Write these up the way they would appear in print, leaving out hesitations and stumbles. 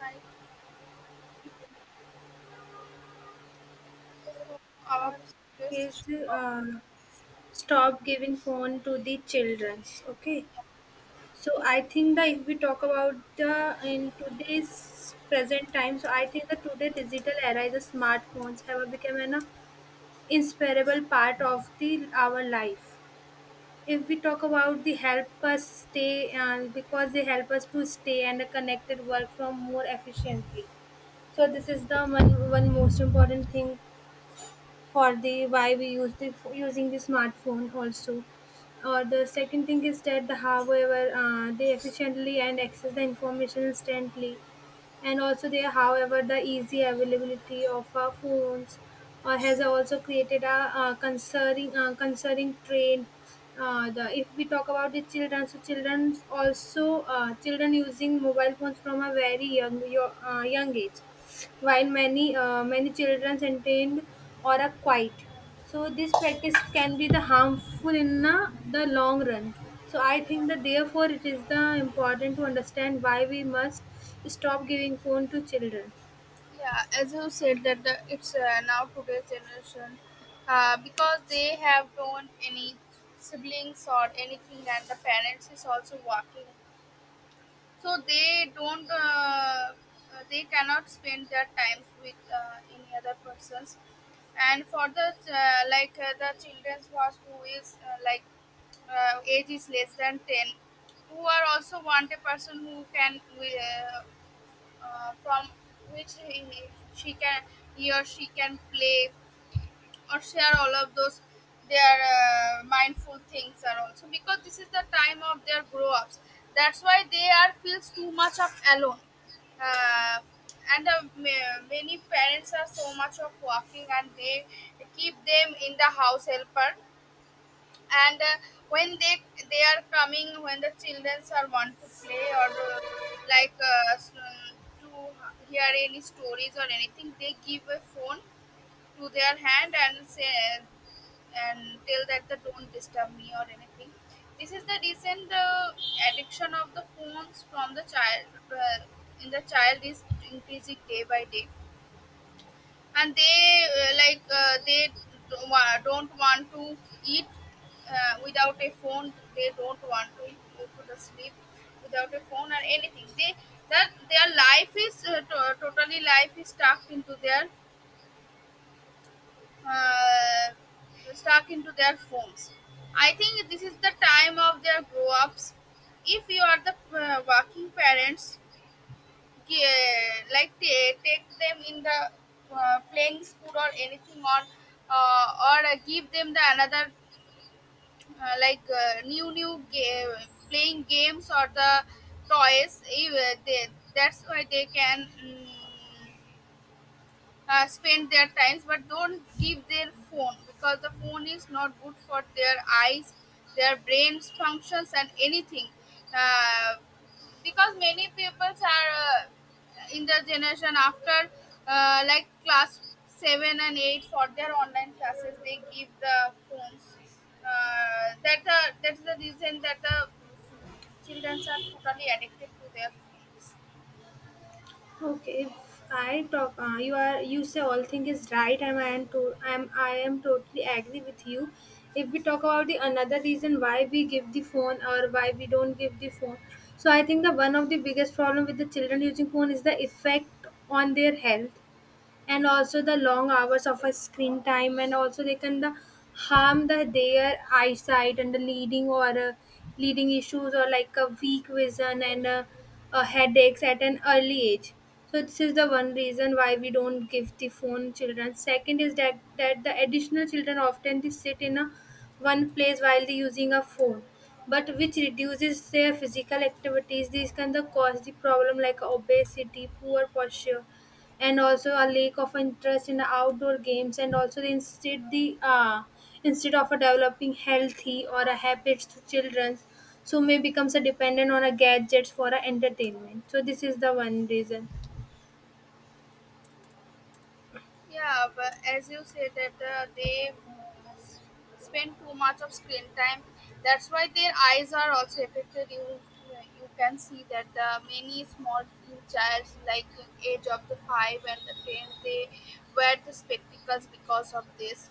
Like our best Is shop. Stop giving phone to the childrens. Okay, so I think that if we talk about the in today's present time, so I think that today digital era is the smartphones have become an inseparable part of the our life. If we talk about the help us stay and because they help us to stay and connected work from more efficiently, so this is the one most important thing for the why we use the using the smartphone also, or the second thing is that the however they efficiently and access the information instantly. And also there however the easy availability of our phones or has also created a concerning concerning trend. The if we talk about the children, so children also, children using mobile phones from a very young age while many children entertained or are quiet. So this practice can be the harmful in the long run. So I think that therefore it is the important to understand why we must stop giving phone to children. Yeah, as you said that it's now today's generation because they have don't any siblings or anything, and the parents is also working, so they don't. They cannot spend their time with any other persons, and for the like the children's was who is like age is less than 10, who are also want a person who can from which he, she can, he or she can play or share all of those their mindful things are also because this is the time of their grow ups. That's why they are feels too much of alone. uh, Many parents are so much of working and they keep them in the house helper, and when they are coming, when the children are want to play or like to hear any stories or anything, they give a phone to their hand and say, and tell that the don't disturb me or anything. This is the recent addiction of the phones from the child, in the child is increasing day by day, and they like they don't want to eat without a phone, they don't want to go to the sleep without a phone or anything. They that their life is totally life is stuck into their, uh, stuck into their phones. I think this is the time of their grow ups. If you are the working parents, yeah, like they take them in the playing school or anything, or give them the another like new game, playing games or the toys, eh, they, that's why they can spend their times, but don't give their phone because the phone is not good for their eyes, their brains functions and anything. uh, because many people are in the generation, after like class 7 and 8, for their online classes they give the phones, that's the reason that the children are totally addicted to their phones. Okay, if I talk, you are you say all thing is right, and I am totally agree with you. If we talk about the another reason why we give the phone or why we don't give the phone, so I think the one of the biggest problem with the children using phone is the effect on their health, and also the long hours of a screen time, and also they can the harm the their eyesight and the leading or leading issues or like a weak vision and headaches at an early age. So this is the one reason why we don't give the phone children. Second is that that the additional children often they sit in a one place while they using a phone, but which reduces their physical activities. These can the cause the problem like obesity, poor posture, and also a lack of interest in outdoor games. And also they instead the instead of a developing healthy or a habits to children, so may becomes a dependent on a gadgets for a entertainment. So this is the one reason. Yeah, but as you say that they s- spend too much of screen time, that's why their eyes are also affected. You can see that the many small child like age of the 5 and the 10, they wear the spectacles because of this,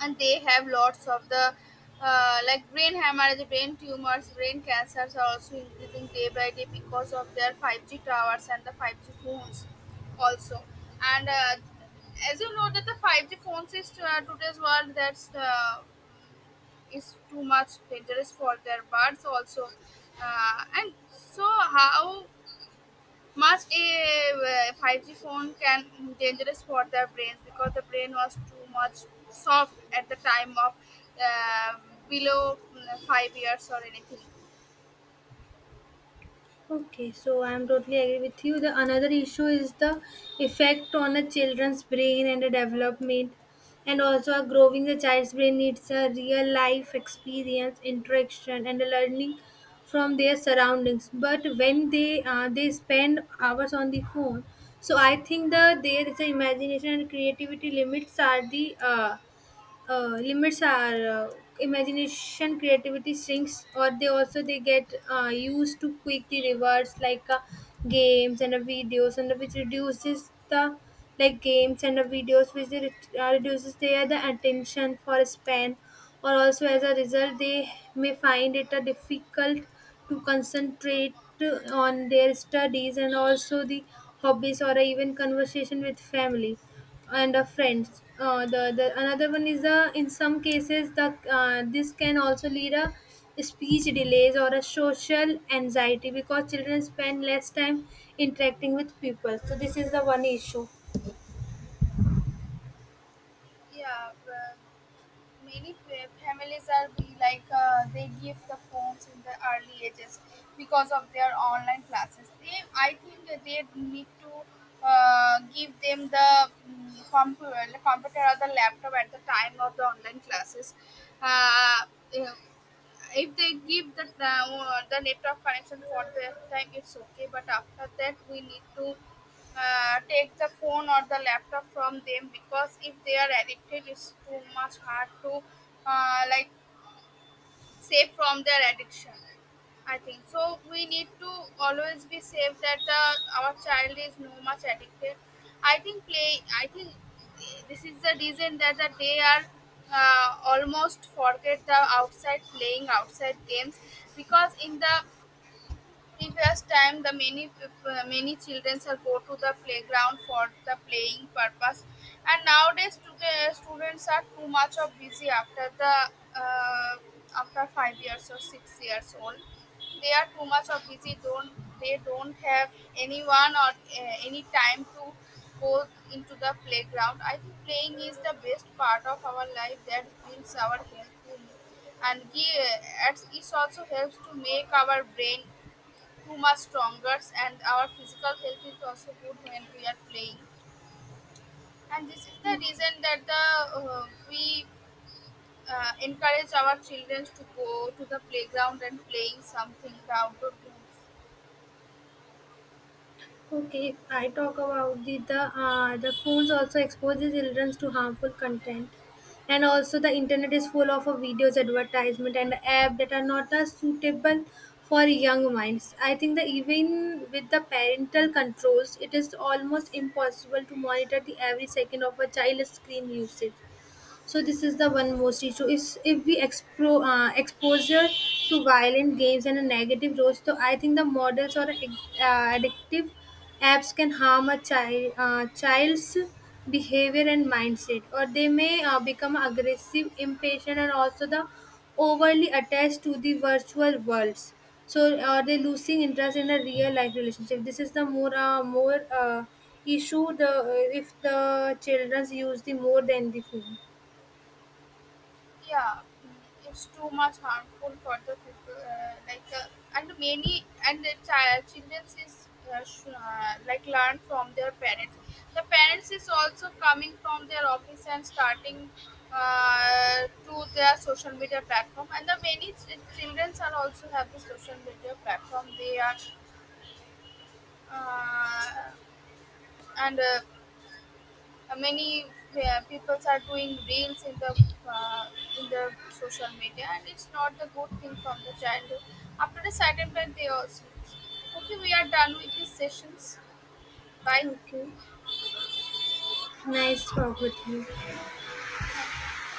and they have lots of the like brain hemorrhage, brain tumors, brain cancers are also increasing day by day because of their 5G towers and the 5G phones also. And as you know that the 5G phones is today's world, that's is too much dangerous for their birds also. And so how much a 5G phone can dangerous for the brains, because the brain was too much soft at the time of uh, below 5 years or anything. Okay, so I'm totally agree with you. The another issue is the effect on a children's brain and the development, and also a growing the child's brain needs a real life experience, interaction, and a learning from their surroundings. But when they spend hours on the phone, so I think the there is a imagination and creativity limits are the uh, limits our imagination creativity shrinks, or they also they get used to quickly rewards like games and videos, and which reduces the like games and videos which they reduces their the attention for span, or also as a result they may find it difficult to concentrate on their studies and also the hobbies or even conversation with family and friends. The another one is the in some cases the this can also lead a speech delays or a social anxiety because children spend less time interacting with people. So this is the one issue. Yeah. Many families are be like they give the phones in the early ages because of their online classes. They, I think that they need to give them the computer or the laptop at the time of the online classes. uh, uh, if they give the network connection for that time, it's okay, but after that we need to take the phone or the laptop from them, because if they are addicted it's too much hard to like save from their addiction. I think so we need to always be safe that our child is no much addicted. I think this is the reason that they are almost forget the outside, playing outside games, because in the previous time the many many children are go to the playground for the playing purpose, and nowadays today students are too much of busy after the uh, after 5 years or 6 years old. They are too much of busy, don't they don't have anyone or any time to go into the playground. I think playing is the best part of our life that builds our health too, and it also helps to make our brain too much stronger, and our physical health is also good when we are playing. And this is the reason that the we encourage our children to go to the playground and playing something, the outdoor games. Okay, if I talk about the phones also expose the children to harmful content, and also the internet is full of videos, advertisement, and app that are not suitable for young minds. I think that even with the parental controls, it is almost impossible to monitor the every second of a child's screen usage. So this is the one most issue is if we exposure to violent games and a negative roles, so I think the models or addictive apps can harm a child's behavior and mindset, or they may become aggressive, impatient, and also the overly attached to the virtual worlds. So are they losing interest in a real life relationship? This is the more issue the if the children use the more than the phone. Yeah, it's too much harmful for the people. Like and many and the children is like learn from their parents. The parents is also coming from their office and starting to their social media platform. And the many children are also have the social media platform. They are uh, and Many people are doing reels uh, in the social media, and it's not the good thing from the childhood. After a certain point, they also okay, we are done with these sessions. Bye. Okay. Nice talk with you. Thank you.